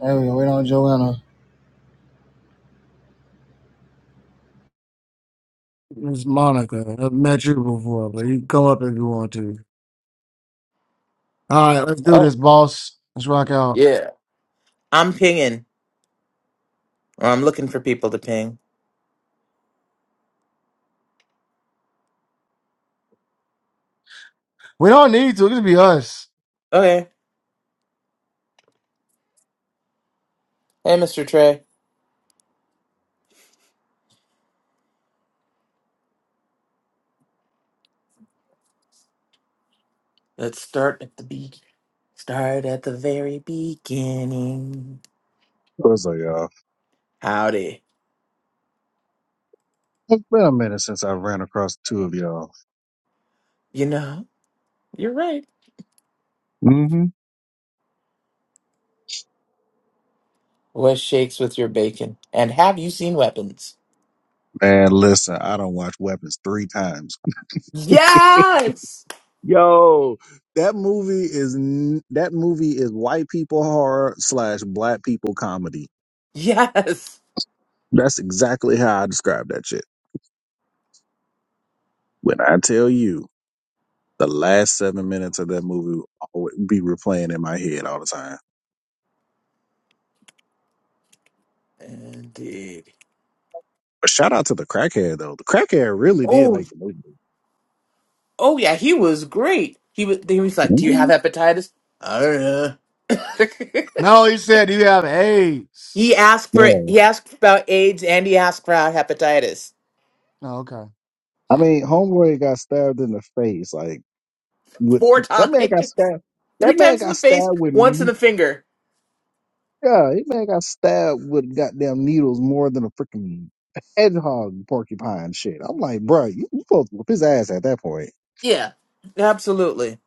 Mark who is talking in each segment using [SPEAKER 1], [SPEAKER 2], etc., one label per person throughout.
[SPEAKER 1] There we go. Wait on Joanna. It's Monica. I've met you before, but you can come up if you want to. All right, let's do
[SPEAKER 2] Oh,
[SPEAKER 1] this, boss. Let's rock out.
[SPEAKER 2] yeah. I'm pinging, or I'm looking for people to ping.
[SPEAKER 1] We don't need to. It can be us.
[SPEAKER 2] Okay. Hey, Mr. Trey. Let's start at the be start at the very beginning.
[SPEAKER 3] What's up, y'all?
[SPEAKER 2] Howdy.
[SPEAKER 3] It's been a minute since I ran across the two of y'all.
[SPEAKER 2] You know, you're right.
[SPEAKER 3] Mm-hmm.
[SPEAKER 2] What shakes with your bacon? And have you seen weapons?
[SPEAKER 3] Man, listen, I don't watch Weapons three times.
[SPEAKER 2] Yes.
[SPEAKER 3] Yo, that movie is n- that movie is white people horror slash black people comedy.
[SPEAKER 2] Yes.
[SPEAKER 3] That's exactly how I describe that shit. When I tell you, the last seven minutes of that movie will always be replaying in my head all the time.
[SPEAKER 2] Indeed.
[SPEAKER 3] But shout out to the crackhead though. The crackhead really did
[SPEAKER 2] Oh,
[SPEAKER 3] make the movie.
[SPEAKER 2] oh yeah, he was great. He was. He was like, "Do you have
[SPEAKER 3] Mhm.
[SPEAKER 2] hepatitis?" I don't know.
[SPEAKER 1] No, he said, do you have AIDS?
[SPEAKER 2] He asked for
[SPEAKER 3] Yeah,
[SPEAKER 2] he asked about AIDS and he asked for hepatitis
[SPEAKER 1] No, okay.
[SPEAKER 3] I mean, Homeboy got stabbed in the face. Like with
[SPEAKER 2] four
[SPEAKER 3] that
[SPEAKER 2] times,
[SPEAKER 3] man got stabbed.
[SPEAKER 2] three
[SPEAKER 3] That man
[SPEAKER 2] times in the
[SPEAKER 3] got
[SPEAKER 2] face,
[SPEAKER 3] stabbed with
[SPEAKER 2] once in the finger.
[SPEAKER 3] yeah, that man got stabbed with goddamn needles more than a freaking hedgehog porcupine shit. I'm like, bro, you, you supposed to whip his ass at that point.
[SPEAKER 2] Yeah, absolutely.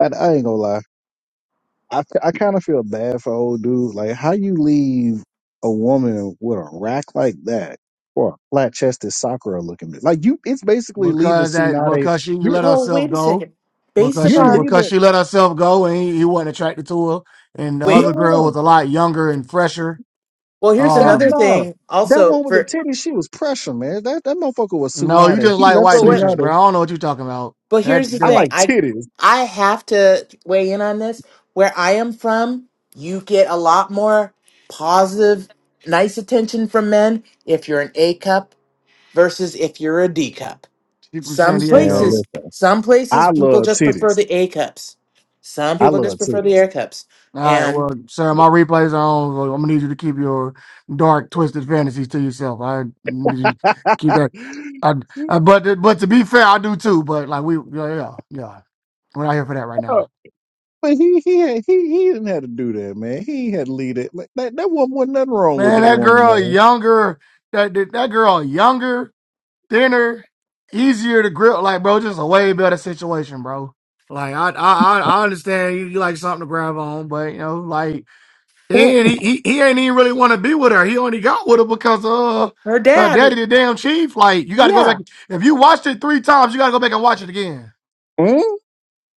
[SPEAKER 3] I, I ain't gonna lie. I, I kind of feel bad for old dude. Like, how you leave a woman with a rack like that or a flat chested Sakura looking bitch? Like, you, it's basically leaving
[SPEAKER 1] Because that,
[SPEAKER 3] Tsunade.
[SPEAKER 1] because she
[SPEAKER 3] You're
[SPEAKER 1] let
[SPEAKER 2] Well,
[SPEAKER 1] herself
[SPEAKER 2] wait a
[SPEAKER 1] go.
[SPEAKER 2] second. Based
[SPEAKER 1] Because
[SPEAKER 3] you're
[SPEAKER 1] she,
[SPEAKER 2] upon
[SPEAKER 1] because
[SPEAKER 3] leaving.
[SPEAKER 1] she let herself go and he, he wasn't attracted to her. And the
[SPEAKER 3] No,
[SPEAKER 1] other
[SPEAKER 2] wait,
[SPEAKER 3] no, no.
[SPEAKER 1] girl was a lot younger and fresher.
[SPEAKER 2] well, here's
[SPEAKER 3] That
[SPEAKER 2] another
[SPEAKER 1] Um,
[SPEAKER 3] no,
[SPEAKER 2] thing.
[SPEAKER 3] that
[SPEAKER 2] Also,
[SPEAKER 3] one with the
[SPEAKER 2] for
[SPEAKER 3] titties, she was pressure, man. That that motherfucker was
[SPEAKER 1] no, you
[SPEAKER 3] Tsunade.
[SPEAKER 1] just
[SPEAKER 3] He
[SPEAKER 1] like
[SPEAKER 3] left
[SPEAKER 1] white
[SPEAKER 2] but what?
[SPEAKER 1] bitches, bro. I
[SPEAKER 3] Tsunade.
[SPEAKER 1] don't know what you're talking about.
[SPEAKER 2] But
[SPEAKER 1] That,
[SPEAKER 2] here's the
[SPEAKER 3] I
[SPEAKER 1] that
[SPEAKER 2] thing.
[SPEAKER 3] like
[SPEAKER 2] I
[SPEAKER 3] titties,
[SPEAKER 2] I have to weigh in on this. Where I am from, you get a lot more positive, nice attention from men if you're an A cup versus if you're a D cup.
[SPEAKER 1] she from
[SPEAKER 2] Some
[SPEAKER 1] San Diego.
[SPEAKER 3] man.
[SPEAKER 2] places,
[SPEAKER 3] Listen,
[SPEAKER 2] some places
[SPEAKER 3] I
[SPEAKER 2] people
[SPEAKER 3] love
[SPEAKER 2] just prefer
[SPEAKER 3] titties.
[SPEAKER 2] the A cups. Some
[SPEAKER 3] I
[SPEAKER 2] people
[SPEAKER 3] love
[SPEAKER 2] just prefer the
[SPEAKER 3] titties.
[SPEAKER 2] air cups.
[SPEAKER 1] All right, well,
[SPEAKER 2] And
[SPEAKER 1] sir, my replays are on. So I'm gonna need you to keep your dark, twisted fantasies to yourself. I need you to keep that. I, I, but but to be fair, I do too. But like we, yeah, yeah, yeah. we're not here for that right
[SPEAKER 3] No,
[SPEAKER 1] now.
[SPEAKER 3] but he he had, he he didn't have to do that, man. He ain't had to lead it. Like, that that woman wasn't nothing wrong with
[SPEAKER 1] Man,
[SPEAKER 3] that
[SPEAKER 1] that
[SPEAKER 3] woman,
[SPEAKER 1] girl
[SPEAKER 3] man.
[SPEAKER 1] younger, that that that girl younger, thinner, easier to grip. Like, bro, just a way better situation, bro. Like, I I I I understand you, you like something to grab on, but you know, like. He
[SPEAKER 3] mm
[SPEAKER 1] ain't, he, he ain't even really want to be with her. He only got with her because uh
[SPEAKER 2] her
[SPEAKER 1] her
[SPEAKER 2] dad,
[SPEAKER 1] daddy the damn chief. Like you got to go back
[SPEAKER 2] yeah,
[SPEAKER 1] if you watched it three times, you got to go back and watch it again.
[SPEAKER 3] mm.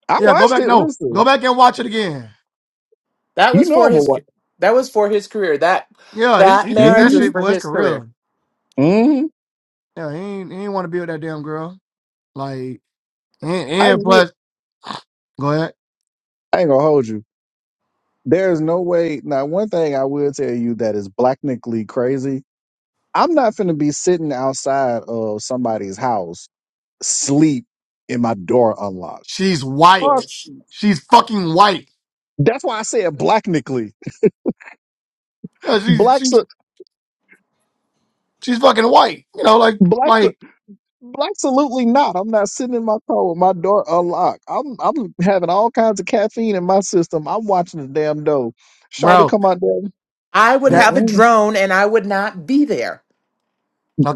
[SPEAKER 3] I
[SPEAKER 1] Yeah, go
[SPEAKER 3] watched
[SPEAKER 1] back.
[SPEAKER 3] it.
[SPEAKER 1] No, go
[SPEAKER 3] Listen,
[SPEAKER 1] back and watch it again.
[SPEAKER 2] that
[SPEAKER 3] you
[SPEAKER 2] was
[SPEAKER 3] know
[SPEAKER 2] for
[SPEAKER 3] I'm a
[SPEAKER 2] his
[SPEAKER 3] watch.
[SPEAKER 2] that was for his career. That
[SPEAKER 1] Yeah, he,
[SPEAKER 2] that
[SPEAKER 1] he did
[SPEAKER 2] marriage
[SPEAKER 1] that
[SPEAKER 2] was
[SPEAKER 3] mm
[SPEAKER 1] shit
[SPEAKER 2] for
[SPEAKER 1] for his
[SPEAKER 2] his career.
[SPEAKER 1] career.
[SPEAKER 3] mm.
[SPEAKER 1] Yeah, he ain't, he ain't want to be with that damn girl. Like and,
[SPEAKER 3] I I
[SPEAKER 1] and plus,
[SPEAKER 3] ain't
[SPEAKER 1] go ahead.
[SPEAKER 3] gonna hold you. There's no way. Now, one thing I will tell you that is blacknically crazy I'm not finna be sitting outside of somebody's house, sleep, and my door unlocked.
[SPEAKER 1] She's
[SPEAKER 3] Fuck.
[SPEAKER 1] white. She's fucking white.
[SPEAKER 3] That's why I said blacknically.
[SPEAKER 1] Yeah, she's
[SPEAKER 3] Black,
[SPEAKER 1] she's
[SPEAKER 3] sa-
[SPEAKER 1] she's fucking white. You know, like
[SPEAKER 3] black, sa-
[SPEAKER 1] like
[SPEAKER 3] black, absolutely not. I'm not sitting in my car with my door unlocked. I'm, I'm having all kinds of caffeine in my system. I'm watching the damn dough. Shawty
[SPEAKER 1] bro.
[SPEAKER 3] come out there.
[SPEAKER 2] I would have a
[SPEAKER 3] Mm-mm,
[SPEAKER 2] drone and I would not be there.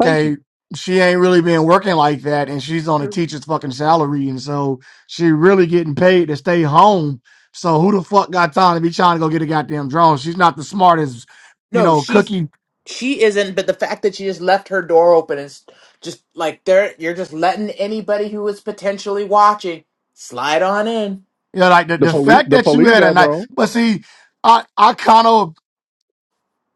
[SPEAKER 3] thank you.
[SPEAKER 1] she ain't really been working like that, and she's on a
[SPEAKER 2] True.
[SPEAKER 1] teacher's fucking salary, and so she really getting paid to stay home. So who the fuck got time to be trying to go get a goddamn drone? She's not the smartest, you
[SPEAKER 2] No,
[SPEAKER 1] know,
[SPEAKER 2] she's
[SPEAKER 1] cookie.
[SPEAKER 2] she isn't, but the fact that she just left her door open is just like there you're just letting anybody who is potentially watching slide on in.
[SPEAKER 1] You know, like the,
[SPEAKER 3] The
[SPEAKER 1] the
[SPEAKER 3] police,
[SPEAKER 1] fact
[SPEAKER 3] the
[SPEAKER 1] that you
[SPEAKER 3] police
[SPEAKER 1] had a
[SPEAKER 3] got
[SPEAKER 1] night,
[SPEAKER 3] drawn.
[SPEAKER 1] but see, I I kind of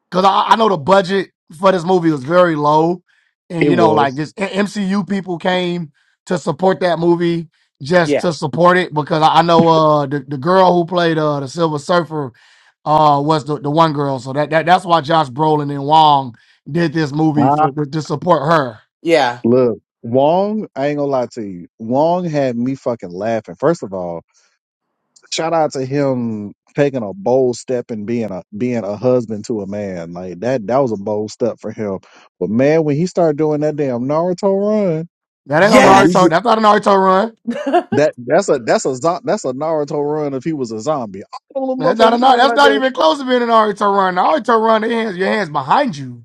[SPEAKER 1] because I, I know the budget for this movie was very low, and
[SPEAKER 3] It
[SPEAKER 1] you know, like
[SPEAKER 3] was.
[SPEAKER 1] just M- MCU people came to support that movie just
[SPEAKER 2] Yeah.
[SPEAKER 1] to support it because I, I know uh the, the girl who played uh the Silver Surfer uh was the, the one girl, so that, that that's why Josh Brolin and Wong did this movie
[SPEAKER 3] Ah,
[SPEAKER 1] for to, to support her.
[SPEAKER 2] Yeah.
[SPEAKER 3] look, Wong. I ain't gonna lie to you. Wong had me fucking laughing. First of all. shout out to him taking a bold step and being a being a husband to a man like that. That was a bold step for him. But man, when he started doing that damn Naruto run,
[SPEAKER 1] That ain't no
[SPEAKER 3] and we
[SPEAKER 1] Naruto.
[SPEAKER 2] Yes.
[SPEAKER 3] get-
[SPEAKER 1] That's not a Naruto run.
[SPEAKER 2] we'll
[SPEAKER 3] that that's a that's a zo- that's a Naruto run if he was a zombie. All the
[SPEAKER 1] That's not a
[SPEAKER 3] motherfucking
[SPEAKER 1] Nar-
[SPEAKER 3] kids
[SPEAKER 1] That's
[SPEAKER 3] out
[SPEAKER 1] not
[SPEAKER 3] there,
[SPEAKER 1] even close to being an Naruto run. Naruto run. They hands, your hands behind you.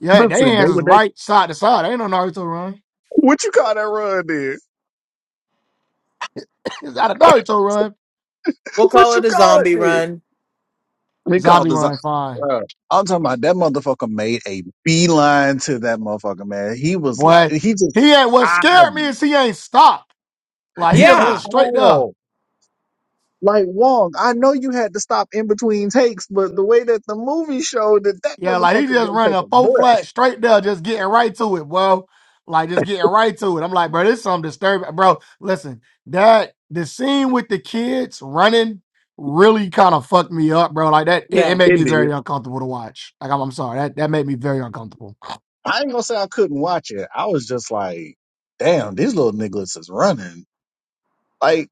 [SPEAKER 1] Yeah, their
[SPEAKER 3] listen, they
[SPEAKER 1] hands is
[SPEAKER 3] would that.
[SPEAKER 1] right side to side. Ain't no Naruto run.
[SPEAKER 3] What you call that run then?
[SPEAKER 1] He's out of a Naruto run.
[SPEAKER 3] What
[SPEAKER 2] call
[SPEAKER 3] you
[SPEAKER 2] it a
[SPEAKER 3] call it
[SPEAKER 2] zombie
[SPEAKER 3] then?
[SPEAKER 2] run.
[SPEAKER 3] We call
[SPEAKER 1] Zombie
[SPEAKER 3] the zo-
[SPEAKER 1] run, fine.
[SPEAKER 3] uh, I'm talking about that motherfucker made a beeline to that motherfucker man. He was like
[SPEAKER 1] Boy,
[SPEAKER 3] he just
[SPEAKER 1] he ain't what
[SPEAKER 3] I at
[SPEAKER 1] scared me is he ain't stopped. Like he just went
[SPEAKER 2] Yeah.
[SPEAKER 1] straight there.
[SPEAKER 3] all. Like Wong, I know you had to stop in between takes, but the way that the movie showed that that
[SPEAKER 1] Yeah, like he
[SPEAKER 3] motherfucker
[SPEAKER 1] just
[SPEAKER 3] didn't
[SPEAKER 1] running
[SPEAKER 3] take
[SPEAKER 1] a
[SPEAKER 3] a
[SPEAKER 1] full
[SPEAKER 3] breath.
[SPEAKER 1] flat straight there, just getting right to it, bro. Like just getting right to it. I'm like, bro, this is something disturbing. Bro, listen, that the scene with the kids running really kind of fucked me up, bro. Like that it, it
[SPEAKER 2] Yeah.
[SPEAKER 1] made
[SPEAKER 3] It
[SPEAKER 1] me
[SPEAKER 3] did.
[SPEAKER 1] very uncomfortable to watch. Like I'm, I'm sorry. That that made me very uncomfortable.
[SPEAKER 3] I ain't gonna say I couldn't watch it. I was just like, damn, these little niggas is running. Like,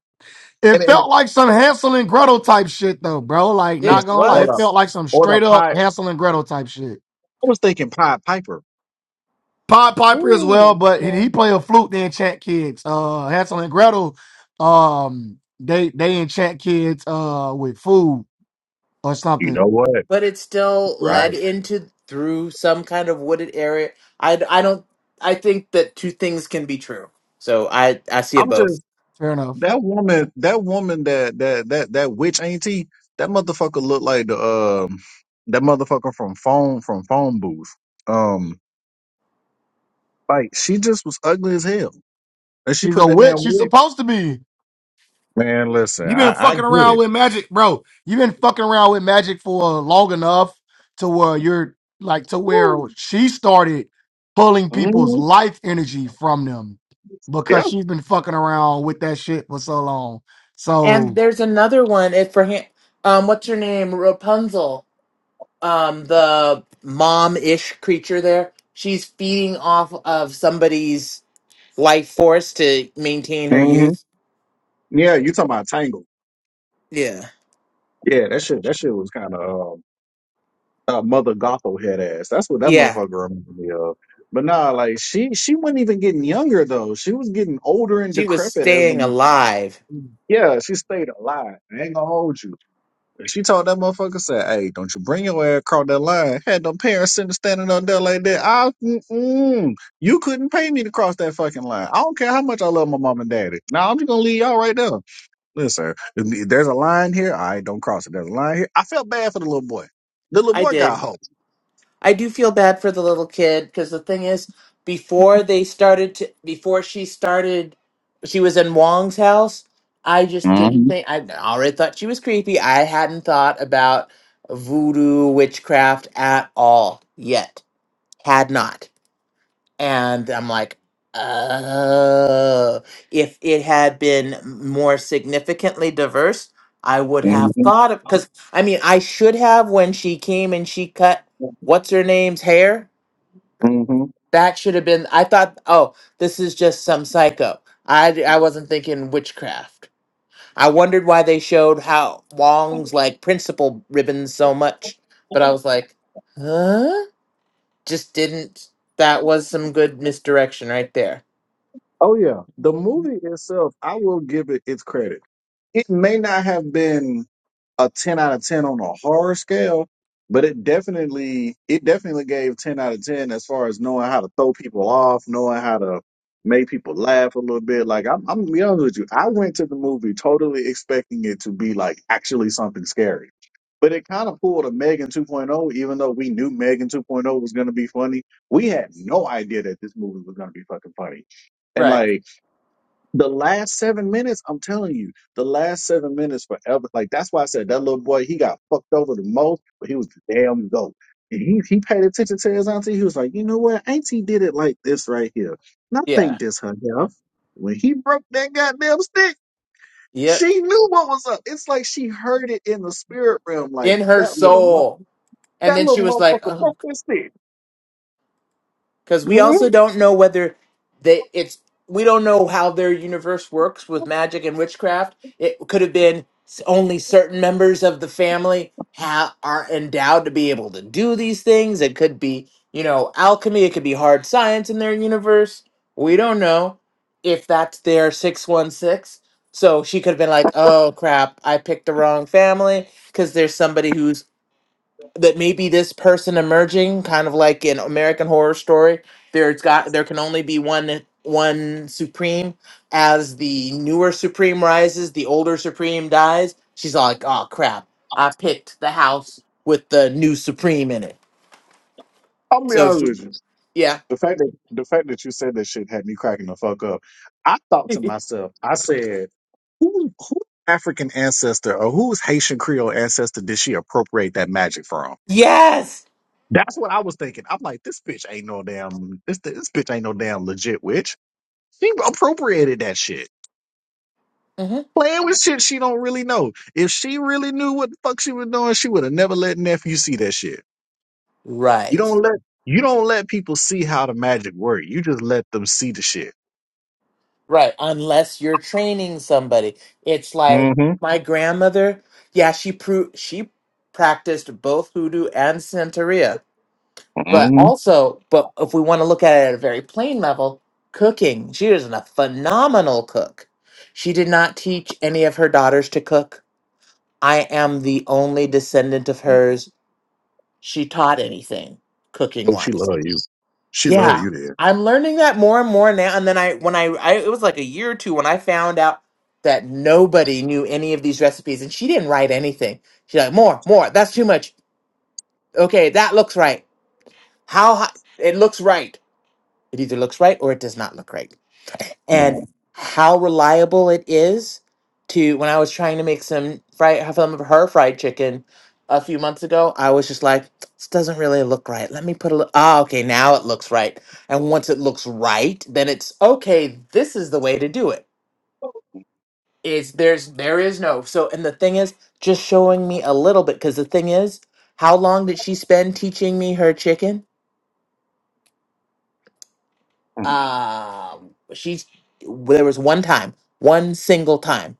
[SPEAKER 1] It
[SPEAKER 3] and and
[SPEAKER 1] felt like some Hansel and Gretel type shit though, bro. Like,
[SPEAKER 3] it's-
[SPEAKER 2] It
[SPEAKER 1] not gonna lie,
[SPEAKER 3] or
[SPEAKER 1] it
[SPEAKER 3] the
[SPEAKER 2] was.
[SPEAKER 1] felt like some
[SPEAKER 3] or the
[SPEAKER 1] straight up
[SPEAKER 3] pie.
[SPEAKER 1] Hansel and Gretel type shit.
[SPEAKER 3] I was thinking Pied Piper.
[SPEAKER 1] Pod Piper as well,
[SPEAKER 2] Ooh.
[SPEAKER 1] but he,
[SPEAKER 2] Yeah.
[SPEAKER 1] he play a flute. They enchant kids. Uh, Hansel and Gretel, um, they they enchant kids uh with food or
[SPEAKER 3] You
[SPEAKER 1] something.
[SPEAKER 3] know what?
[SPEAKER 2] But it still led
[SPEAKER 3] Right.
[SPEAKER 2] into through some kind of wooded area. I, I don't I think that two things can be true. So I I see it
[SPEAKER 3] I'm
[SPEAKER 2] both.
[SPEAKER 3] just
[SPEAKER 1] Fair enough.
[SPEAKER 3] that woman. That woman. That that that that witch auntie. That motherfucker looked like the um that motherfucker from phone from phone booth. um. Like she just was ugly as hell, and she
[SPEAKER 1] She's
[SPEAKER 3] put
[SPEAKER 1] a
[SPEAKER 3] that damn
[SPEAKER 1] witch. She's
[SPEAKER 3] wig.
[SPEAKER 1] supposed to be.
[SPEAKER 3] Man, listen,
[SPEAKER 1] You've been
[SPEAKER 3] I, I
[SPEAKER 1] fucking
[SPEAKER 3] get
[SPEAKER 1] around
[SPEAKER 3] it.
[SPEAKER 1] with magic, bro. You've been fucking around with magic for long enough to where you're like to where
[SPEAKER 3] Woo.
[SPEAKER 1] she started pulling people's
[SPEAKER 3] Mhm.
[SPEAKER 1] life energy from them
[SPEAKER 3] Yeah.
[SPEAKER 1] because she's been fucking around with that shit for so long.
[SPEAKER 2] And
[SPEAKER 1] So
[SPEAKER 2] there's another one it for him um what's her name? Rapunzel. Um the mom-ish creature there. She's feeding off of somebody's life force to maintain her
[SPEAKER 3] hmm
[SPEAKER 2] youth.
[SPEAKER 3] Yeah, you talking about Tangle?
[SPEAKER 2] Yeah.
[SPEAKER 3] Yeah, that shit. That shit was kind of um, uh, Mother Gothel head ass. That's what that
[SPEAKER 2] Yeah,
[SPEAKER 3] motherfucker reminded me of. But nah, like she she wasn't even getting younger though. She was getting older and
[SPEAKER 2] she was
[SPEAKER 3] decrepit as.
[SPEAKER 2] staying
[SPEAKER 3] a-
[SPEAKER 2] alive.
[SPEAKER 3] Yeah, she stayed alive. I ain't gonna hold you. She told that motherfucker, said, "Hey, don't you bring your ass across that line." Had them parents sitting standing up there like that. I, mm-mm, you couldn't pay me to cross that fucking line. I don't care how much I love my mom and daddy. Now I'm just gonna leave y'all right there. Listen, if there's a line here. I don't cross it. There's a line here. I felt bad for the little boy. The little
[SPEAKER 2] I
[SPEAKER 3] boy got
[SPEAKER 2] did.
[SPEAKER 3] hope.
[SPEAKER 2] I do feel bad for the little kid because the thing is, before they started to, before she started, she was in Wong's house. I just didn't
[SPEAKER 3] hmm
[SPEAKER 2] think, I already thought she was creepy. I hadn't thought about voodoo witchcraft at all yet. Had not. and I'm like, oh, if it had been more significantly diverse, I would have
[SPEAKER 3] hmm
[SPEAKER 2] thought of because I mean, I should have when she came and she cut what's her name's hair.
[SPEAKER 3] hmm
[SPEAKER 2] That should have been. I thought, oh, this is just some psycho. I I wasn't thinking witchcraft. I wondered why they showed how Wong's like principal ribbons so much, but I was like, huh? Just didn't. That was some good misdirection right there.
[SPEAKER 3] Oh yeah, the movie itself, I will give it its credit. It may not have been. a 10 out of 10 on a horror scale, but it definitely it definitely gave 10 out of 10 as far as knowing how to throw people off, knowing how to make people laugh a little bit. Like I'm I'm gonna be honest with you. I went to the movie totally expecting it to be like actually something scary. But it kind of pulled a Megan 2.0, even though we knew Megan 2.0 was going to be funny. We had no idea that this movie was going to be fucking funny. And
[SPEAKER 2] Right.
[SPEAKER 3] like, the last seven minutes, I'm telling you, the last seven minutes forever. Like that's why I said that little boy, he got fucked over the most, but he was the damn goat. And he he paid attention to his auntie. He was like, you know what, auntie did it like this right here. And I think
[SPEAKER 2] Yeah.
[SPEAKER 3] this her health. When he broke that goddamn stick,
[SPEAKER 2] Yep.
[SPEAKER 3] she knew what was up. It's like she heard it in the spirit realm. Like
[SPEAKER 2] In her
[SPEAKER 3] that little mo-
[SPEAKER 2] soul. And
[SPEAKER 3] that
[SPEAKER 2] then she
[SPEAKER 3] little
[SPEAKER 2] was like,
[SPEAKER 3] motherfucker
[SPEAKER 2] oh,
[SPEAKER 3] broke that stick.
[SPEAKER 2] because we
[SPEAKER 3] Mhm.
[SPEAKER 2] also don't know whether they, it's, we don't know how their universe works with magic and witchcraft. It could have been s- only certain members of the family ha are endowed to be able to do these things. It could be, you know, alchemy. It could be hard science in their universe. We don't know if that's their 616. So she could have been like, oh crap, I picked the wrong family because there's somebody who's that maybe this person emerging, kind of like in American Horror Story, there's got there can only be one one supreme. As the newer supreme rises, the older supreme dies. She's all like, oh crap, I picked the house with the new supreme in it.
[SPEAKER 3] I'll be
[SPEAKER 2] So
[SPEAKER 3] honest
[SPEAKER 2] she-
[SPEAKER 3] with you.
[SPEAKER 2] yeah,
[SPEAKER 3] The fact that the fact that you said that shit had me cracking the fuck up. I thought to myself, I said, who who African ancestor or whose Haitian Creole ancestor did she appropriate that magic from?
[SPEAKER 2] yes,
[SPEAKER 3] That's what I was thinking. I'm like, this bitch ain't no damn this this bitch ain't no damn legit witch. She appropriated that shit.
[SPEAKER 2] hmm
[SPEAKER 3] Playing with shit she don't really know. If she really knew what the fuck she was doing, she would have never let nephew see that shit. You
[SPEAKER 2] right,
[SPEAKER 3] don't let you don't let people see how the magic work. You just let them see the shit.
[SPEAKER 2] right. Unless you're training somebody, it's like my grandmother. Yeah, she pro- she practiced both hoodoo and santeria But
[SPEAKER 3] Mm-hmm.
[SPEAKER 2] also, but if we want to look at it at a very plain level, cooking. She is a phenomenal cook. She did not teach any of her daughters to cook. I am the only descendant of hers. She taught anything cooking
[SPEAKER 3] Oh, she
[SPEAKER 2] wise.
[SPEAKER 3] love you. She love
[SPEAKER 2] Yeah.
[SPEAKER 3] you there.
[SPEAKER 2] I'm learning that more and more now. And then I, when I, I, it was like a year or two when I found out that nobody knew any of these recipes and she didn't write anything. She's like, more, more, that's too much. Okay, that looks right. How high? It looks right It either looks right or it does not look right. And how reliable it is to when I was trying to make some fried some of her fried chicken a few months ago, I was just like, this doesn't really look right. Let me put a little ah, okay, now it looks right. And once it looks right, then it's okay, this is the way to do It's there's there is no so and the thing is just showing me a little bit because the thing is, how long did she spend teaching me her chicken? um she's there was one time one single time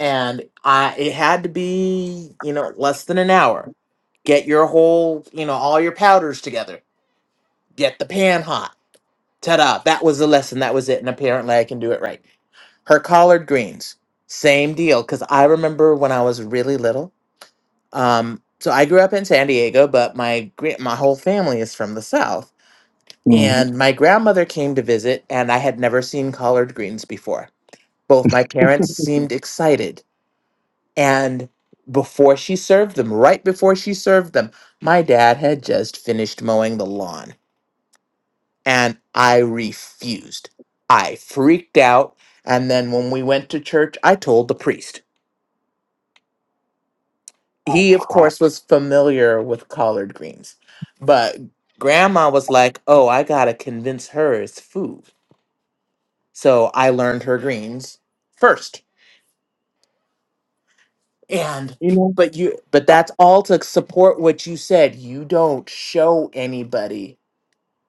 [SPEAKER 2] and i it had to be you know less than an hour get your whole you know all your powders together get the pan hot ta-da that was the lesson that was it and apparently i can do it right her collard greens same deal because i remember when i was really little um so i grew up in san diego but my gr- my whole family is from the south
[SPEAKER 3] Mm-hmm.
[SPEAKER 2] And my grandmother came to visit, and I had never seen collard greens before. Both my parents seemed excited. And before she served them, right before she served them, my dad had just finished mowing the lawn. And I refused. I freaked out. And then when we went to church, I told the priest.
[SPEAKER 3] I
[SPEAKER 2] He, of
[SPEAKER 3] cry.
[SPEAKER 2] course, was familiar with collard greens. But grandma was like, oh, I got to convince her it's food. So I learned her greens first. And
[SPEAKER 3] You know,
[SPEAKER 2] but you but that's all to support what you said. You don't show anybody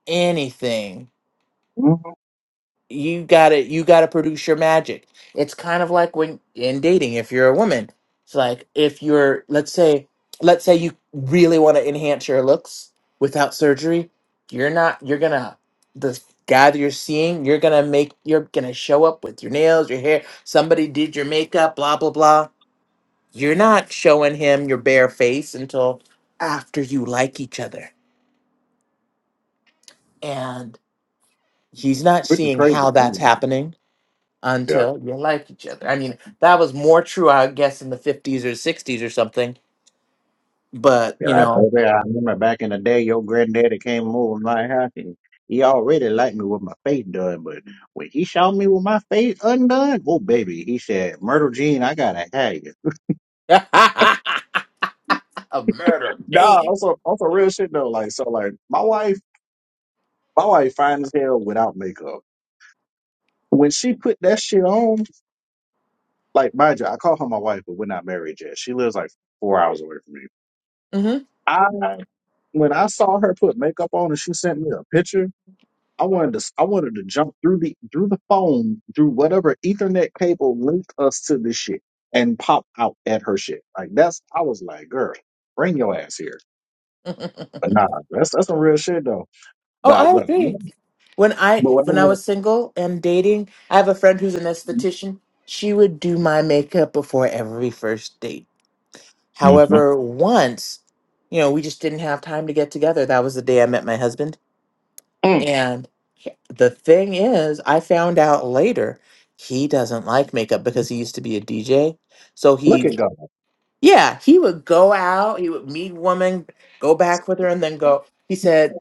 [SPEAKER 2] anything.
[SPEAKER 3] mm-hmm.
[SPEAKER 2] You gotta you gotta produce your magic. It's kind of like when in dating, if you're a woman. It's like if you're let's say let's say you really want to enhance your looks without surgery, you're not you're gonna the guy that you're seeing, you're gonna make you're gonna show up with your nails, your hair, somebody did your makeup, blah blah blah You're not showing him your bare face until after you like each other. And he's not
[SPEAKER 3] which is
[SPEAKER 2] seeing
[SPEAKER 3] crazy.
[SPEAKER 2] how
[SPEAKER 3] really.
[SPEAKER 2] that's happening
[SPEAKER 3] Yeah.
[SPEAKER 2] until you like each other. I mean, that was more true, I guess, in the 50s or 60s or something. But,
[SPEAKER 3] Yeah,
[SPEAKER 2] you
[SPEAKER 3] like,
[SPEAKER 2] know,
[SPEAKER 3] baby, I remember back in the day, your granddaddy came over my house and he already liked me with my face done, but when he saw me with my face undone, oh baby, he said, "Myrtle Jean, I gotta have you."
[SPEAKER 2] a murder
[SPEAKER 3] Nah,
[SPEAKER 2] game.
[SPEAKER 3] also also real shit though. Like so like my wife my wife fine as hell without makeup. When she put that shit on, Like, mind you, I call her my wife, but we're not married yet. She lives like four hours away from me.
[SPEAKER 2] hmm
[SPEAKER 3] I when I saw her put makeup on and she sent me a picture, I wanted to I wanted to jump through the through the phone through whatever Ethernet cable linked us to this shit and pop out at her shit. Like that's I was like, girl, bring your ass here.
[SPEAKER 2] oh,
[SPEAKER 3] But nah, that's that's some real shit though. But I,
[SPEAKER 2] I
[SPEAKER 3] what I
[SPEAKER 2] agree.
[SPEAKER 3] want,
[SPEAKER 2] When
[SPEAKER 3] but
[SPEAKER 2] I
[SPEAKER 3] what I
[SPEAKER 2] when I
[SPEAKER 3] want,
[SPEAKER 2] was single and dating, I have a friend who's an esthetician. She would do my makeup before every first date
[SPEAKER 3] Mhm.
[SPEAKER 2] However, once, you know, we just didn't have time to get together. That was the day I met my husband.
[SPEAKER 3] Mm,
[SPEAKER 2] And he- the thing is, I found out later he doesn't like makeup because he used to be a DJ. So
[SPEAKER 3] look at
[SPEAKER 2] he,
[SPEAKER 3] God.
[SPEAKER 2] yeah, he would go out, he would meet women, go back with her, and then go. He said,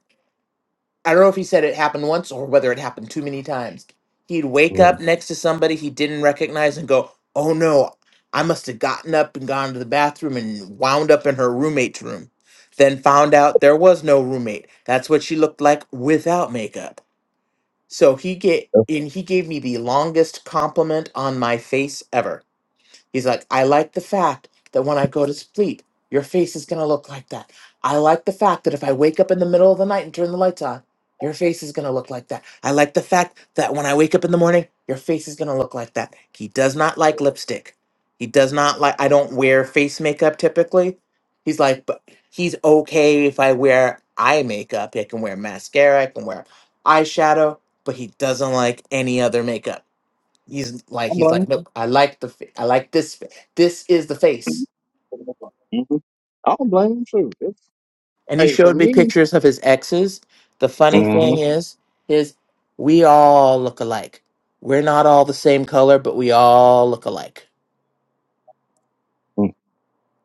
[SPEAKER 2] I don't know if he said it happened once or whether it happened too many times. He'd wake
[SPEAKER 3] Mm.
[SPEAKER 2] up next to somebody he didn't recognize and go, Oh no, I must have gotten up and gone to the bathroom and wound up in her roommate's room. Then found out there was no roommate. That's what she looked like without makeup. So he get
[SPEAKER 3] That's-
[SPEAKER 2] and he gave me the longest compliment on my face ever He's like, I like the fact that when I go to sleep, your face is going to look like that. I like the fact that if I wake up in the middle of the night and turn the lights on, your face is going to look like that. I like the fact that when I wake up in the morning, your face is going to look like that. He does not like lipstick. He does not like, I don't wear face makeup typically. He's like, but he's okay if I wear eye makeup. I can wear mascara, I can wear eyeshadow, but he doesn't like any other makeup he's like he's like look i like the fa- i like this fa- this is the
[SPEAKER 3] Mhm.
[SPEAKER 2] face
[SPEAKER 3] Mhm. I don't blame him too. It's,
[SPEAKER 2] and he
[SPEAKER 3] hey, for
[SPEAKER 2] showed me
[SPEAKER 3] me,
[SPEAKER 2] pictures of his exes the funny thing
[SPEAKER 3] mm-hmm.
[SPEAKER 2] is is we all look alike we're not all the same color but we all look alike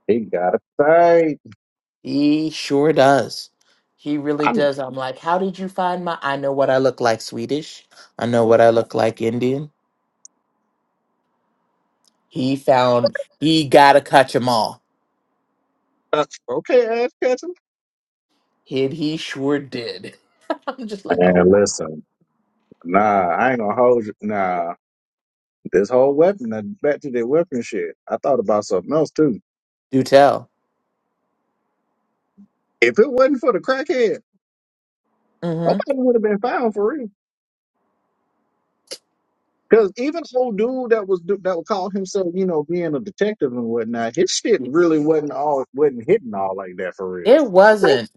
[SPEAKER 3] he got to right.
[SPEAKER 2] he sure does he really
[SPEAKER 3] I'm
[SPEAKER 2] does i'm like how did you find my i know what i look like swedish i know what
[SPEAKER 3] uh,
[SPEAKER 2] i look like indian he found he gotta catch 'em all
[SPEAKER 3] okay, ass catching.
[SPEAKER 2] and he sure did i'm just like oh
[SPEAKER 3] And
[SPEAKER 2] wow.
[SPEAKER 3] listen, nah, I ain't gonna hold you. Nah, this whole weapon, uh, back to the weapon shit. I thought about something else too.
[SPEAKER 2] do tell
[SPEAKER 3] If it wasn't for the crackhead,
[SPEAKER 2] mm-hmm
[SPEAKER 3] nobody would have been found for real. Because even old dude that was do- that would call himself, you know, being a detective and whatnot, his shit really wasn't all wasn't hitting all like that for real.
[SPEAKER 2] It wasn't.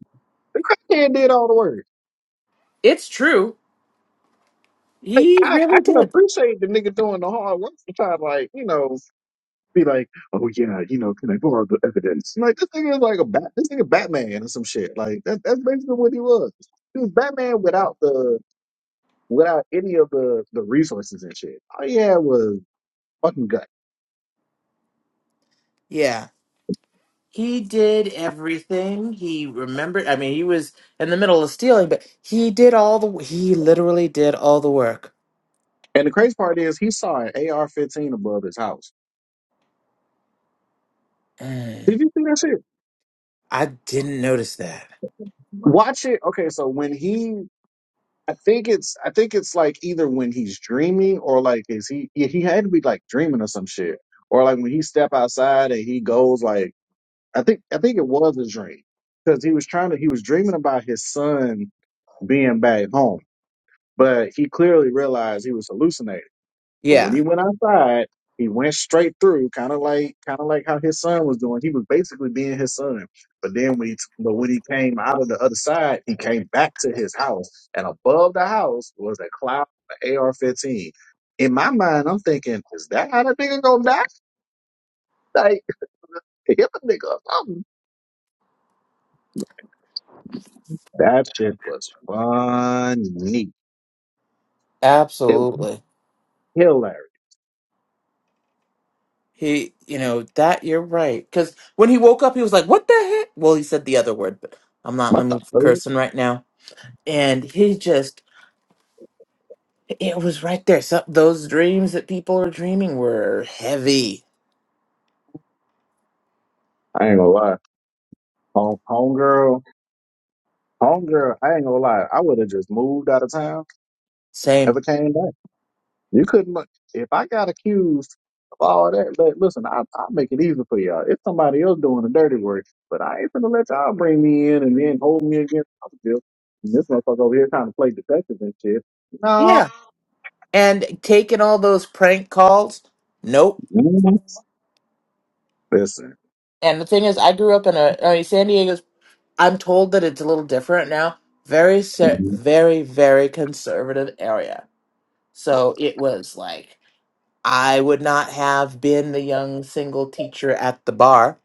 [SPEAKER 3] The crackhead did all the work.
[SPEAKER 2] It's true. He
[SPEAKER 3] I, I
[SPEAKER 2] really
[SPEAKER 3] can
[SPEAKER 2] did.
[SPEAKER 3] appreciate the nigga doing the hard work to try to like, you know, be like, oh yeah, you know, can I borrow the evidence? Like this nigga is like a bat, this nigga Batman or some shit. Like that, that's basically what he was. He was Batman without the without any of the the resources and shit. All he had was fucking gut.
[SPEAKER 2] Yeah. He did everything. He remembered. I mean, he was in the middle of stealing, but he did all the. He literally did all the work.
[SPEAKER 3] And the crazy part is he saw an AR-15 above his house. Did
[SPEAKER 2] Mm,
[SPEAKER 3] you see that shit?
[SPEAKER 2] I didn't notice that.
[SPEAKER 3] Watch it. Okay, so when he I think it's I think it's like either when he's dreaming or like is he yeah, he had to be like dreaming or some shit or like when he step outside and he goes like I think I think it was a dream because he was trying to he was dreaming about his son being back home but he clearly realized he was hallucinating. But when he
[SPEAKER 2] Yeah.
[SPEAKER 3] went outside, he went straight through, kind of like kind of like how his son was doing. He was basically being his son. But then when he but when he came out of the other side, he came back to his house, and above the house was a cloud of AR-15. In my mind, I'm thinking, is that how the nigga gonna die? Like hit the nigga or something. That shit was funny. It was
[SPEAKER 2] Absolutely.
[SPEAKER 3] hilarious.
[SPEAKER 2] He, you know, that you're right. Because when he woke up, he was like, what the heck? Well, he said the other word, but I'm not in the
[SPEAKER 3] What the
[SPEAKER 2] mood for
[SPEAKER 3] fuck?
[SPEAKER 2] cursing right now. And he just, it was right there. Some, those dreams that people are dreaming were heavy.
[SPEAKER 3] I ain't gonna lie. Home homegirl, homegirl, I ain't gonna lie. I would have just moved out of town Never
[SPEAKER 2] Same.
[SPEAKER 3] came back. You couldn't. look- If I got accused of all that, but listen, I, I'll make it easy for y'all. It's somebody else doing the dirty work, but I ain't gonna let y'all bring me in and then hold me against Thomasville. And this motherfucker over here trying to play detective and shit. No.
[SPEAKER 2] Yeah. And taking all those prank calls, nope.
[SPEAKER 3] Mhm. Listen.
[SPEAKER 2] And the thing is, I grew up in a, I mean, San Diego's, I'm told that it's a little different now. Very, ser-
[SPEAKER 3] Mhm.
[SPEAKER 2] very, very conservative area. So it was like, I would not have been the young single teacher at the bar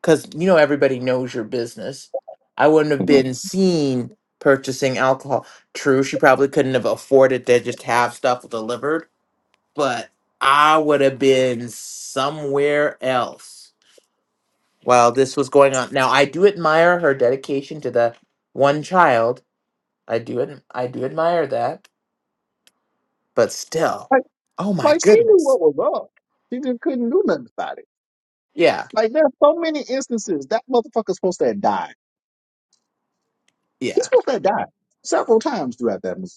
[SPEAKER 2] because, you know, everybody knows your business. I wouldn't have
[SPEAKER 3] Mhm.
[SPEAKER 2] been seen purchasing alcohol. True, she probably couldn't have afforded to just have stuff delivered but I would have been somewhere else while this was going on. Now I do admire her dedication to the one child. I do ad- I do admire that, but still,
[SPEAKER 3] Like,
[SPEAKER 2] oh my
[SPEAKER 3] like she knew
[SPEAKER 2] goodness,
[SPEAKER 3] what was up. She just couldn't do nothing about it.
[SPEAKER 2] yeah,
[SPEAKER 3] Like there's so many instances that motherfucker's supposed to have died. He's
[SPEAKER 2] yeah,
[SPEAKER 3] supposed to have died several times throughout that movie.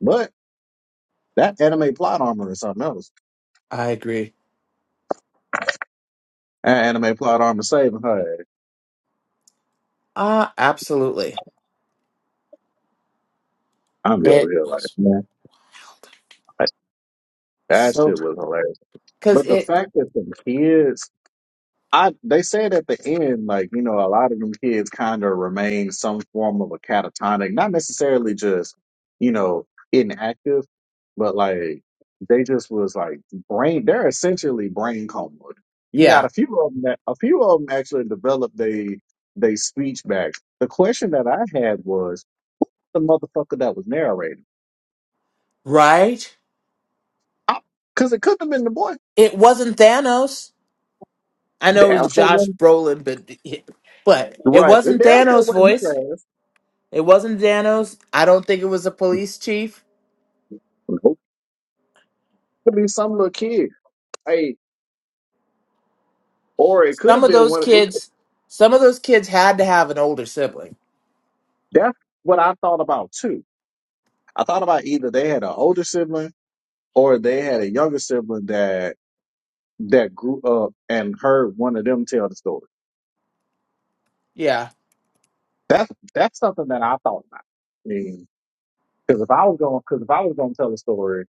[SPEAKER 3] But that anime plot armor is something else.
[SPEAKER 2] I agree.
[SPEAKER 3] That anime plot armor saving her.
[SPEAKER 2] Ah, absolutely.
[SPEAKER 3] I'm be over
[SPEAKER 2] It
[SPEAKER 3] here like,
[SPEAKER 2] was
[SPEAKER 3] man, like, that
[SPEAKER 2] so
[SPEAKER 3] shit was hilarious.
[SPEAKER 2] because
[SPEAKER 3] But the
[SPEAKER 2] it,
[SPEAKER 3] fact that the kids, I they said at the end, like you know, a lot of them kids kind of remain some form of a catatonic, not necessarily just you know inactive, but like they just was like brain. They're essentially brain coma. You got
[SPEAKER 2] yeah,
[SPEAKER 3] a few of them that a few of them actually developed they they speech back. The question that I had was the motherfucker that was narrating.
[SPEAKER 2] right.
[SPEAKER 3] Because it couldn't have been the boy.
[SPEAKER 2] It wasn't Thanos. I know it
[SPEAKER 3] Damn
[SPEAKER 2] was
[SPEAKER 3] sure
[SPEAKER 2] Josh
[SPEAKER 3] wasn't.
[SPEAKER 2] Brolin, but but it
[SPEAKER 3] Right. It
[SPEAKER 2] wasn't
[SPEAKER 3] damn sure
[SPEAKER 2] Thanos'
[SPEAKER 3] wasn't his
[SPEAKER 2] voice.
[SPEAKER 3] ass.
[SPEAKER 2] It wasn't Danos. I don't think it was a police chief.
[SPEAKER 3] Nope. It could be some little kid. Hey, or it could
[SPEAKER 2] Some
[SPEAKER 3] have
[SPEAKER 2] of
[SPEAKER 3] been
[SPEAKER 2] those
[SPEAKER 3] one. It,
[SPEAKER 2] kids, some of those kids had to have an older sibling.
[SPEAKER 3] that's what I thought about too. I thought about either they had an older sibling or they had a younger sibling that that grew up and heard one of them tell the story.
[SPEAKER 2] Yeah.
[SPEAKER 3] That's that's something that I thought about. I mean, because if I was going, because if I was going to tell a story,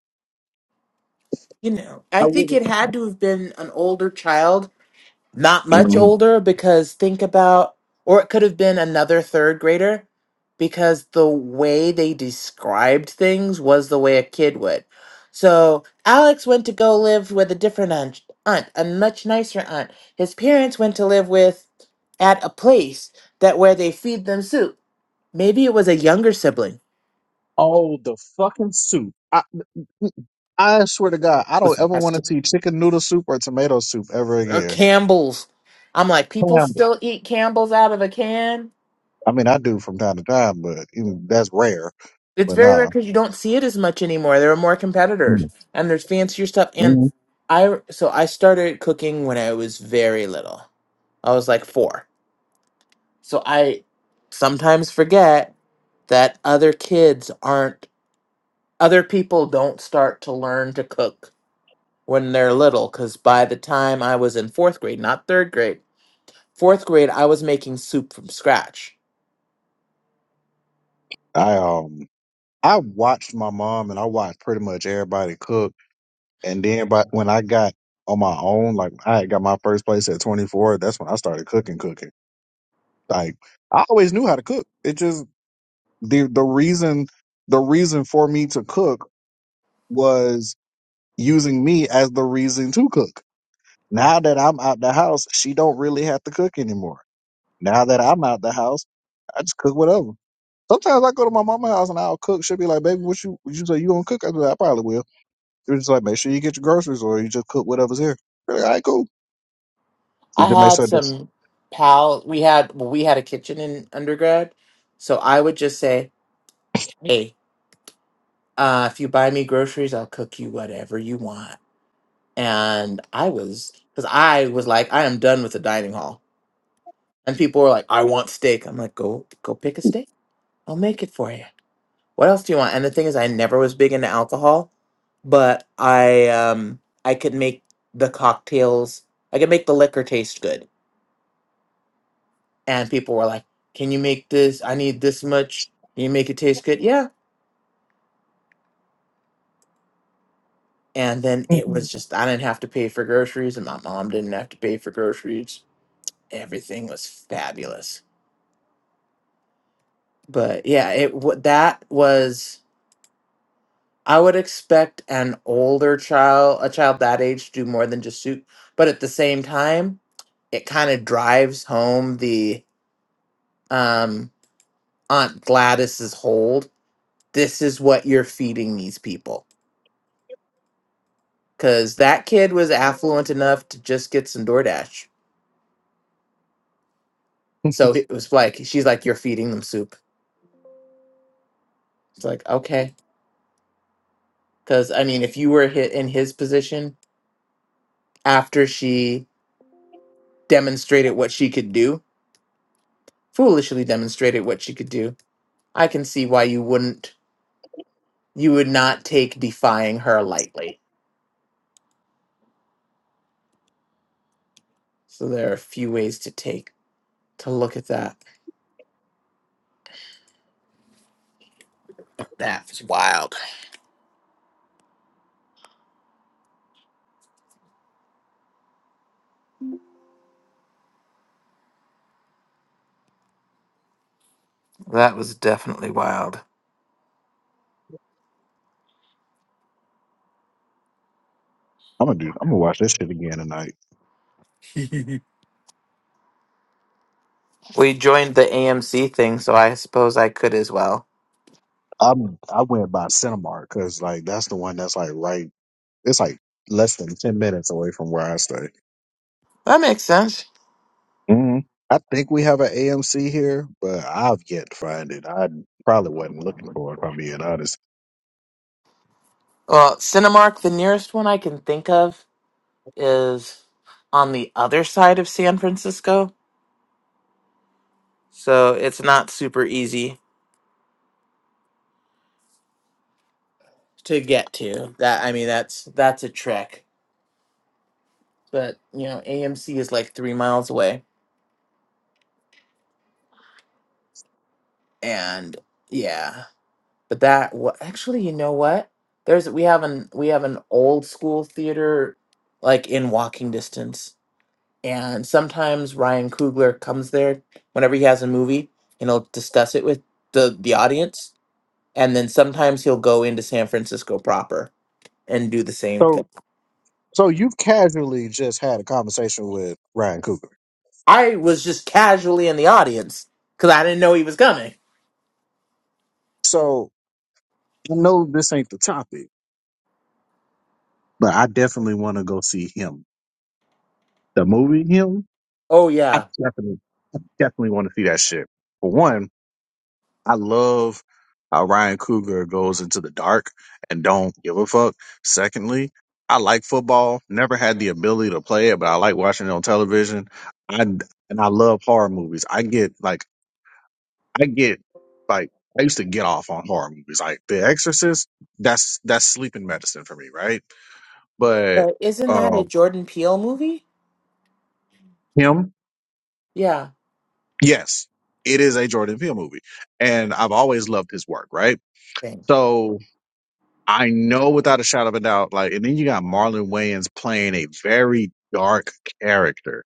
[SPEAKER 2] You know,
[SPEAKER 3] I
[SPEAKER 2] I think
[SPEAKER 3] wouldn't.
[SPEAKER 2] it had to have been an older child not much
[SPEAKER 3] Mhm.
[SPEAKER 2] older because think about or it could have been another third grader because the way they described things was the way a kid would so alex went to go live with a different aunt, aunt a much nicer aunt his parents went to live with at a place that where they feed them soup maybe it was a younger sibling
[SPEAKER 3] Oh, the fucking suit! I, I swear to God, I don't
[SPEAKER 2] with
[SPEAKER 3] ever want to
[SPEAKER 2] nasty
[SPEAKER 3] see chicken noodle soup or tomato soup ever
[SPEAKER 2] or
[SPEAKER 3] again.
[SPEAKER 2] campbell's i'm like people
[SPEAKER 3] Damn it.
[SPEAKER 2] still eat campbell's out of a can
[SPEAKER 3] I mean, I do from time to time, but even, that's rare.
[SPEAKER 2] It's
[SPEAKER 3] But
[SPEAKER 2] very rare
[SPEAKER 3] nah,
[SPEAKER 2] because you don't see it as much anymore. There are more competitors, and there's fancier stuff. And
[SPEAKER 3] Mm.
[SPEAKER 2] I so I started cooking when I was very little. I was like four. So I sometimes forget that other kids aren't other people don't start to learn to cook when they're little. Because by the time I was in fourth grade, not third grade, fourth grade, I was making soup from scratch.
[SPEAKER 3] I um, I watched my mom and I watched pretty much everybody cook, and then by, when I got on my own, like I had got my first place at 24, that's when I started cooking, cooking. Like I always knew how to cook. It just the the reason the reason for me to cook was using me as the reason to cook. Now that I'm out the house, she don't really have to cook anymore. Now that I'm out the house, I just cook whatever. Sometimes I go to my mama's house and I'll cook. She'll be like, "Baby, what you what you say you gonna cook?" I be like, "I probably will." She was just like, "Make sure you get your groceries, or you just cook whatever's here." Be Like, All right, cool. You
[SPEAKER 2] I
[SPEAKER 3] just make
[SPEAKER 2] had
[SPEAKER 3] certain.
[SPEAKER 2] some pal. We had well, we had a kitchen in undergrad, so I would just say hey, uh, if you buy me groceries, I'll cook you whatever you want. And I was, because I was like, I am done with the dining hall. And people were like, I want steak. I'm like, go, go pick a steak. I'll make it for you. What else do you want? And the thing is, I never was big into alcohol, but I, um, I could make the cocktails. I could make the liquor taste good. And people were like, Can you make this? I need this much. Can you make it taste good? Yeah. And then it was
[SPEAKER 3] Mhm.
[SPEAKER 2] just, I didn't have to pay for groceries, and my mom didn't have to pay for groceries. Everything was fabulous. But yeah, it wa- that was. I would expect an older child, a child that age, to do more than just soup. But at the same time, it kind of drives home the um, Aunt Gladys's hold. This is what you're feeding these people, because that kid was affluent enough to just get some DoorDash. So it was like she's like, "You're feeding them soup." It's like, okay. Because, I mean, if you were hit in his position after she demonstrated what she could do, foolishly demonstrated what she could do, I can see why you wouldn't, you would not take defying her lightly. So there are a few ways to take, to look at that. That was wild. That was definitely wild.
[SPEAKER 3] I'm gonna do. I'm gonna watch this shit again tonight.
[SPEAKER 2] We joined the AMC thing, so I suppose I could as well.
[SPEAKER 3] I'm. I went by Cinemark because like that's the one that's like right. It's like less than ten minutes away from where I stay.
[SPEAKER 2] That makes sense.
[SPEAKER 3] hmm I think we have an AMC here, but I've yet to find it. I probably wasn't looking for it, if I'm being honest.
[SPEAKER 2] Well, Cinemark, the nearest one I can think of. is on the other side of San Francisco, so it's not super easy to get to. That I mean, that's that's a trek. But you know, AMC is like three miles away, and yeah. But that what actually, you know what? There's we have an we have an old school theater like in walking distance, and sometimes Ryan Coogler comes there whenever he has a movie, and he'll discuss it with the the audience and then sometimes he'll go into San Francisco proper and do the same
[SPEAKER 3] So,
[SPEAKER 2] thing.
[SPEAKER 3] so you've casually just had a conversation with Ryan Coogler.
[SPEAKER 2] I was just casually in the audience because I didn't know he was coming.
[SPEAKER 3] So I know this ain't the topic, but I definitely want to go see him. The movie, him,
[SPEAKER 2] Oh
[SPEAKER 3] I
[SPEAKER 2] yeah,
[SPEAKER 3] definitely, I definitely want to see that shit. For one, I love how Ryan Cougar goes into the dark and don't give a fuck. Secondly, I like football. Never had the ability to play it, but I like watching it on television. I and I love horror movies. I get like I get like I used to get off on horror movies. Like The Exorcist, that's that's sleeping medicine for me, right? But
[SPEAKER 2] but isn't that a
[SPEAKER 3] um
[SPEAKER 2] Jordan Peele movie?
[SPEAKER 3] him,
[SPEAKER 2] Yeah,
[SPEAKER 3] yes, it is a Jordan Peele movie. And I've always loved his work, right?
[SPEAKER 2] thing
[SPEAKER 3] So I know without a shadow of a doubt. Like, and then you got Marlon Wayans playing a very dark character.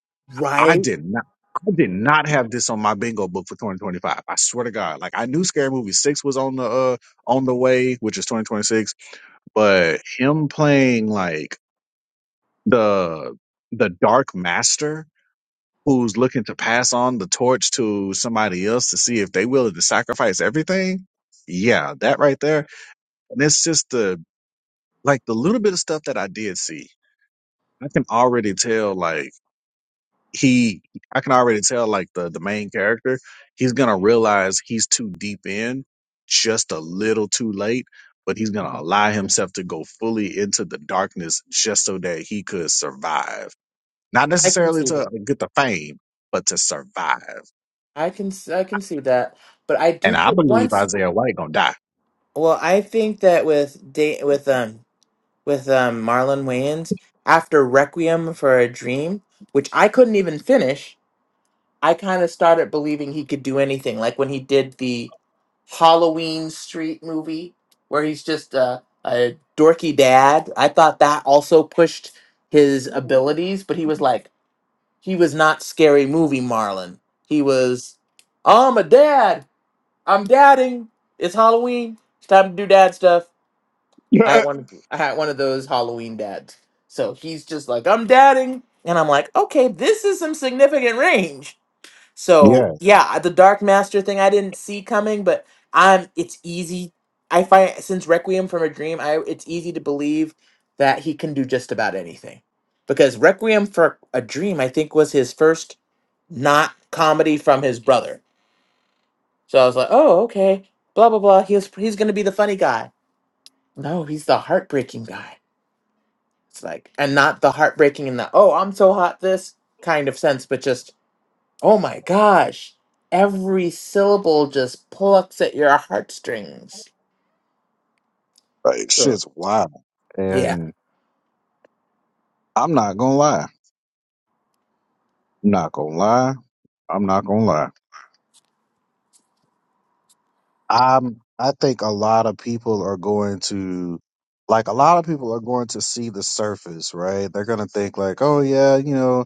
[SPEAKER 3] I
[SPEAKER 2] right?
[SPEAKER 3] did not. I did not have this on my bingo book for 2025. I swear to God. Like I knew Scary Movie 6 was on the uh on the way, which is 2026, but him playing like the the dark master who's looking to pass on the torch to somebody else to see if they willing to sacrifice everything. Yeah, that right there. And it's just the like the little bit of stuff that I did see, I can already tell like he I can already tell like the the main character, he's gonna realize he's too deep in just a little too late, but he's gonna
[SPEAKER 2] Mhm.
[SPEAKER 3] allow himself to go fully into the darkness just so that he could survive. Not
[SPEAKER 2] I can
[SPEAKER 3] necessarily
[SPEAKER 2] see that.
[SPEAKER 3] to get the fame, but to survive.
[SPEAKER 2] I can s- I can see that, but I do
[SPEAKER 3] And I
[SPEAKER 2] think
[SPEAKER 3] believe
[SPEAKER 2] once.
[SPEAKER 3] Isaiah White gonna die.
[SPEAKER 2] Well, I think that with da- with um with um Marlon Wayans after Requiem for a Dream, which I couldn't even finish, I kind of started believing he could do anything. Like when he did the Halloween Street movie, where he's just a, a dorky dad. I thought that also pushed his abilities, but he was like he was not scary movie Marlon. He was. "Oh, I'm a dad I'm dadding. It's Halloween. It's time to do dad stuff. I had
[SPEAKER 3] Yeah.
[SPEAKER 2] one. I had one of those Halloween dads. So he's just like, I'm dadding, and I'm like, okay, this is some significant range. So
[SPEAKER 3] Yeah,
[SPEAKER 2] yeah, the Dark Master thing I didn't see coming, but I'm. It's easy. I find since Requiem from a Dream, I it's easy to believe that he can do just about anything because Requiem for a Dream, I think, was his first not comedy from his brother. So I was like, oh, okay, blah blah blah. He's he's gonna be the funny guy. No, he's the heartbreaking guy. It's like, and not the heartbreaking in the oh, I'm so hot this kind of sense, but just oh my gosh, every syllable just plucks at your heartstrings.
[SPEAKER 3] like
[SPEAKER 2] Sure.
[SPEAKER 3] shit's wild.
[SPEAKER 2] Yeah,
[SPEAKER 3] And I'm not gonna lie. not gonna lie. I'm not gonna lie. I'm I think a lot of people are going to like a lot of people are going to see the surface, right? They're gonna think like, oh yeah, you know,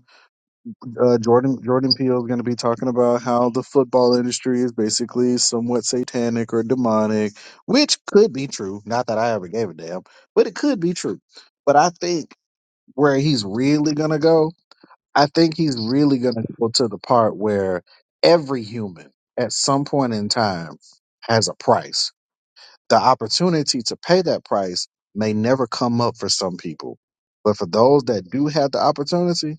[SPEAKER 3] uh, Jordan Jordan Peele is gonna be talking about how the football industry is basically somewhat satanic or demonic, which could be true. Not that I ever gave a damn, but it could be true. But I think where he's really gonna go I think he's really going to go to the part where every human at some point in time has a price. The opportunity to pay that price may never come up for some people. But for those that do have the opportunity,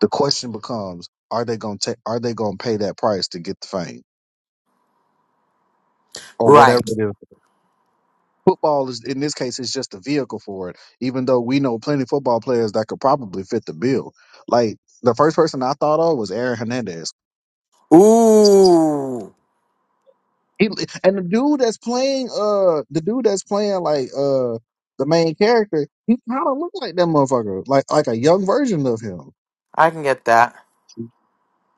[SPEAKER 3] the question becomes, are they going to are they going to pay that price to get the fame or whatever
[SPEAKER 2] Right.
[SPEAKER 3] it is? Football is in this case is just a vehicle for it, even though we know plenty of football players that could probably fit the bill. Like the first person I thought of was Aaron Hernandez
[SPEAKER 2] Ooh,
[SPEAKER 3] He and the dude that's playing uh the dude that's playing like uh the main character, he kind of look like that motherfucker, like like a young version of him.
[SPEAKER 2] I can get that.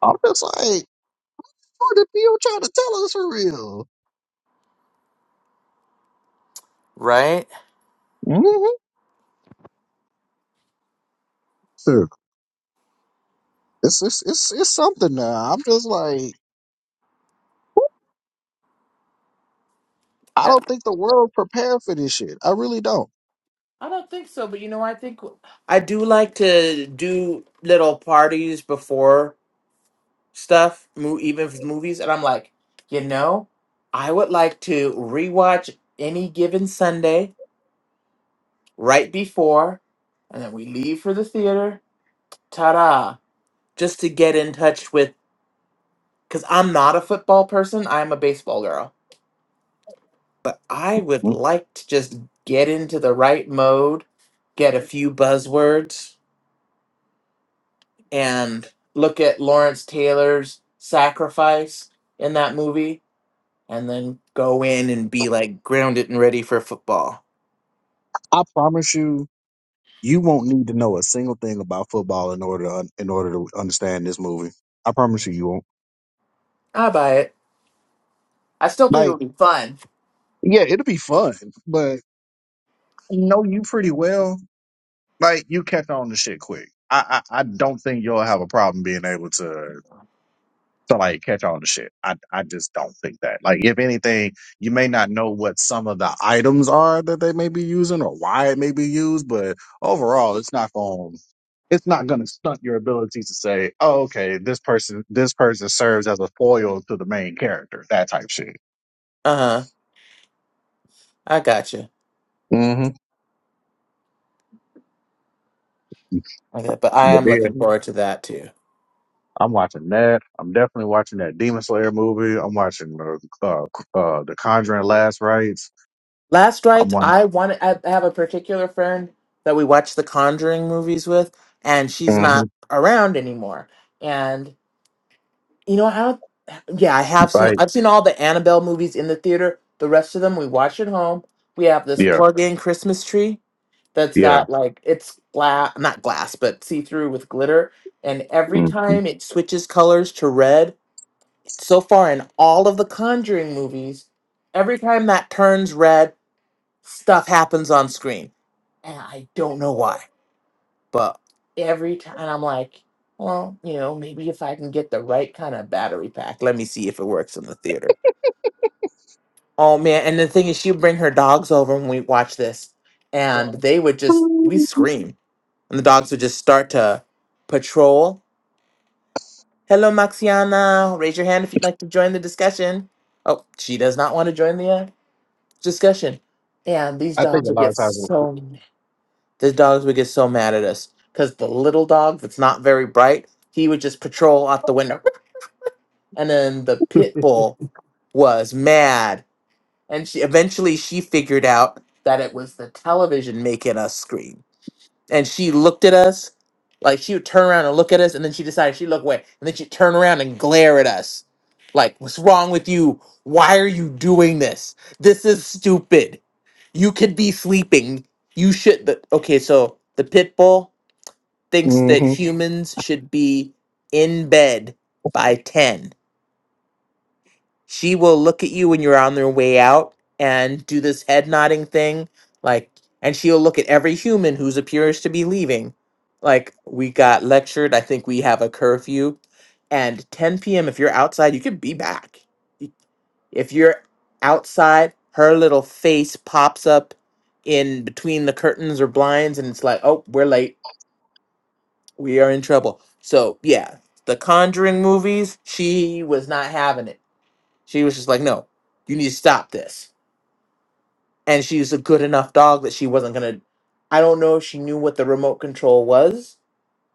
[SPEAKER 3] I'm just like, what the people trying to tell us for real?
[SPEAKER 2] Right?
[SPEAKER 3] Mm-hmm. Sure. It's, it's it's it's something now. I'm just like, I
[SPEAKER 2] Uh,
[SPEAKER 3] don't think the world prepared for this shit. I really don't.
[SPEAKER 2] I don't think so, but you know, I think I do like to do little parties before. stuff, mo- even if it's movies, and I'm like, you know, I would like to rewatch any given Sunday right before, and then we leave for the theater. Ta-da! Just to get in touch with, because I'm not a football person. I'm a baseball girl, but I would
[SPEAKER 3] Mm.
[SPEAKER 2] like to just get into the right mode, get a few buzzwords, and look at Lawrence Taylor's sacrifice in that movie and then go in and be like grounded and ready for football.
[SPEAKER 3] I promise you, you won't need to know a single thing about football in order to un- in order to understand this movie. I promise you, you won't.
[SPEAKER 2] I buy it. I still think it
[SPEAKER 3] Like,
[SPEAKER 2] would be fun.
[SPEAKER 3] yeah, it'll be fun, but. know you pretty well. Like you catch on to shit quick. I, I I don't think you'll have a problem being able to to like catch on to shit. I I just don't think that. Like if anything, you may not know what some of the items are that they may be using or why it may be used, but overall, it's not going it's not going to stunt your ability to say, oh, okay, this person this person serves as a foil to the main character, that type shit.
[SPEAKER 2] Uh huh. I gotcha.
[SPEAKER 3] hmm
[SPEAKER 2] Okay, but I
[SPEAKER 3] But
[SPEAKER 2] am looking
[SPEAKER 3] yeah.
[SPEAKER 2] forward to that too.
[SPEAKER 3] I'm watching that. I'm definitely watching that Demon Slayer movie. I'm watching the uh, uh, the Conjuring Last Rites.
[SPEAKER 2] Last
[SPEAKER 3] I'm
[SPEAKER 2] night,
[SPEAKER 3] watching
[SPEAKER 2] I want I have a particular friend that we watch the Conjuring movies with, and she's not
[SPEAKER 3] Mhm.
[SPEAKER 2] around anymore. And you know, I don't. Yeah, I have seen.
[SPEAKER 3] like
[SPEAKER 2] I've seen all the Annabelle movies in the theater. The rest of them we watch at home. We have this
[SPEAKER 3] yeah,
[SPEAKER 2] plug-in Christmas tree, that's
[SPEAKER 3] yeah.
[SPEAKER 2] got like it's glass not glass but see through with glitter and every
[SPEAKER 3] hmm
[SPEAKER 2] time it switches colors to red so far in all of the conjuring movies every time that turns red stuff happens on screen and i don't know why but every time i'm like well you know maybe if i can get the right kind of battery pack let me see if it works in the theater oh man and the thing is she'd bring her dogs over when we watch this and they would just we scream. And the dogs would just start to patrol. Hello, Maxiana. Raise your hand if you'd like to join the discussion. Oh, she does not want to join the uh, discussion. And these
[SPEAKER 3] I think
[SPEAKER 2] dogs
[SPEAKER 3] a
[SPEAKER 2] would
[SPEAKER 3] lot of
[SPEAKER 2] get
[SPEAKER 3] times.
[SPEAKER 2] so mad. these dogs would get so mad at us because the little dog that's not very bright, he would just patrol out the window, and then the pit bull was mad. And she eventually she figured out that it was the television making us scream and she looked at us like she would turn around and look at us and then she decided she'd look away and then she'd turn around and glare at us like what's wrong with you why are you doing this this is stupid you could be sleeping you should the, okay so the pit bull thinks that
[SPEAKER 3] hmm
[SPEAKER 2] humans should be in bed by 10 she will look at you when you're on their way out and do this head nodding thing, like, and she'll look at every human who's appears to be leaving. Like, we got lectured. I think we have a curfew. And 10 p.m., if you're outside, you can be back. Y- If you're outside, her little face pops up in between the curtains or blinds, and it's like, oh, we're late. We are in trouble. So, yeah, the Conjuring movies, she was not having it she was just like, no, you need to stop this. And she was a good enough dog that she wasn't going to. I don't know if she knew what the remote control was,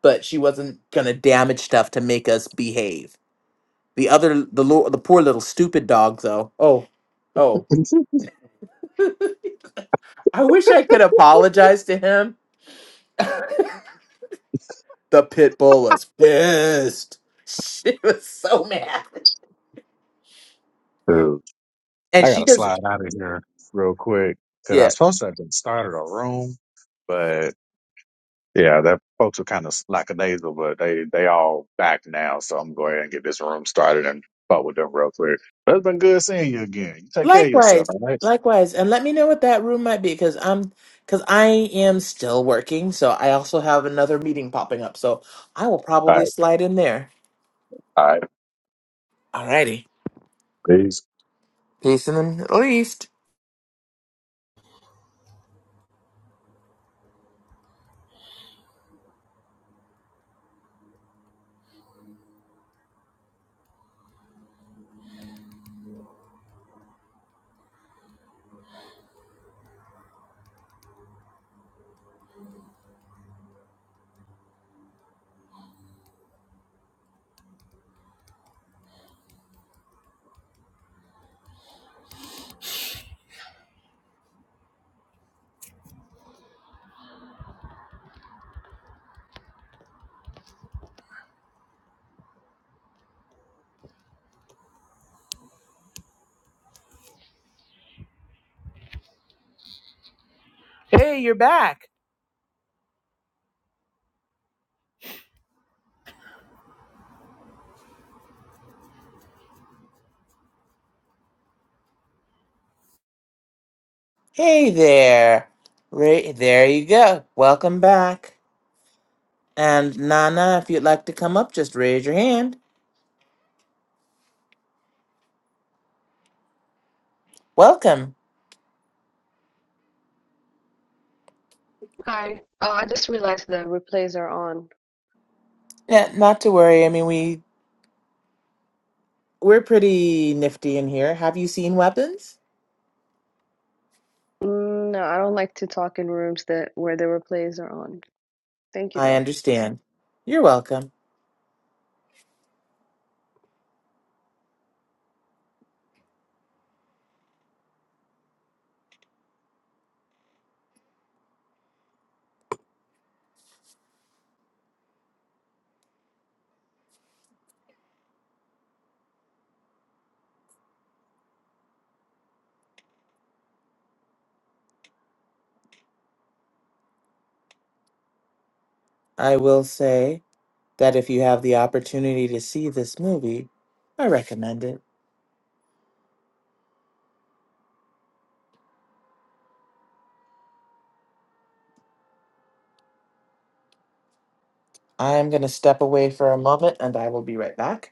[SPEAKER 2] but she wasn't going to damage stuff to make us behave. The other, the, lo- the poor little stupid dog, though. Oh, oh. I wish I could apologize to him. The pit bull was pissed. She was so mad.
[SPEAKER 3] Dude,
[SPEAKER 2] And
[SPEAKER 3] I
[SPEAKER 2] she
[SPEAKER 3] gotta
[SPEAKER 2] doesn't.
[SPEAKER 3] slide out of here real quick because I
[SPEAKER 2] yeah.
[SPEAKER 3] was supposed to have just started a room, but Yeah, that folks are kind of lackadaisical, but they they all back now. So I'm going ahead and get this room started and talk with them real quick. But it's been good seeing you again. You take care of yourself.
[SPEAKER 2] Likewise,
[SPEAKER 3] All right.
[SPEAKER 2] likewise, and let me know what that room might be because I'm because I am still working, so I also have another meeting popping up, so I will
[SPEAKER 3] All
[SPEAKER 2] probably
[SPEAKER 3] right.
[SPEAKER 2] slide in there.
[SPEAKER 3] All right.
[SPEAKER 2] Alrighty,
[SPEAKER 3] Peace.
[SPEAKER 2] peace in the Middle East. Hey, you're back. Hey there, Ra- there you go. Welcome back, and Nana, if you'd like to come up, just raise your hand. Welcome.
[SPEAKER 4] Hi. Oh, I just realized the replays are on.
[SPEAKER 2] Yeah, not to worry. I mean, we we're pretty nifty in here. Have you seen weapons?
[SPEAKER 4] Mm, No, I don't like to talk in rooms that where the replays are on. Thank you
[SPEAKER 2] I
[SPEAKER 4] though.
[SPEAKER 2] understand. You're welcome. I will say that if you have the opportunity to see this movie, I recommend it. I am going to step away for a moment and I will be right back.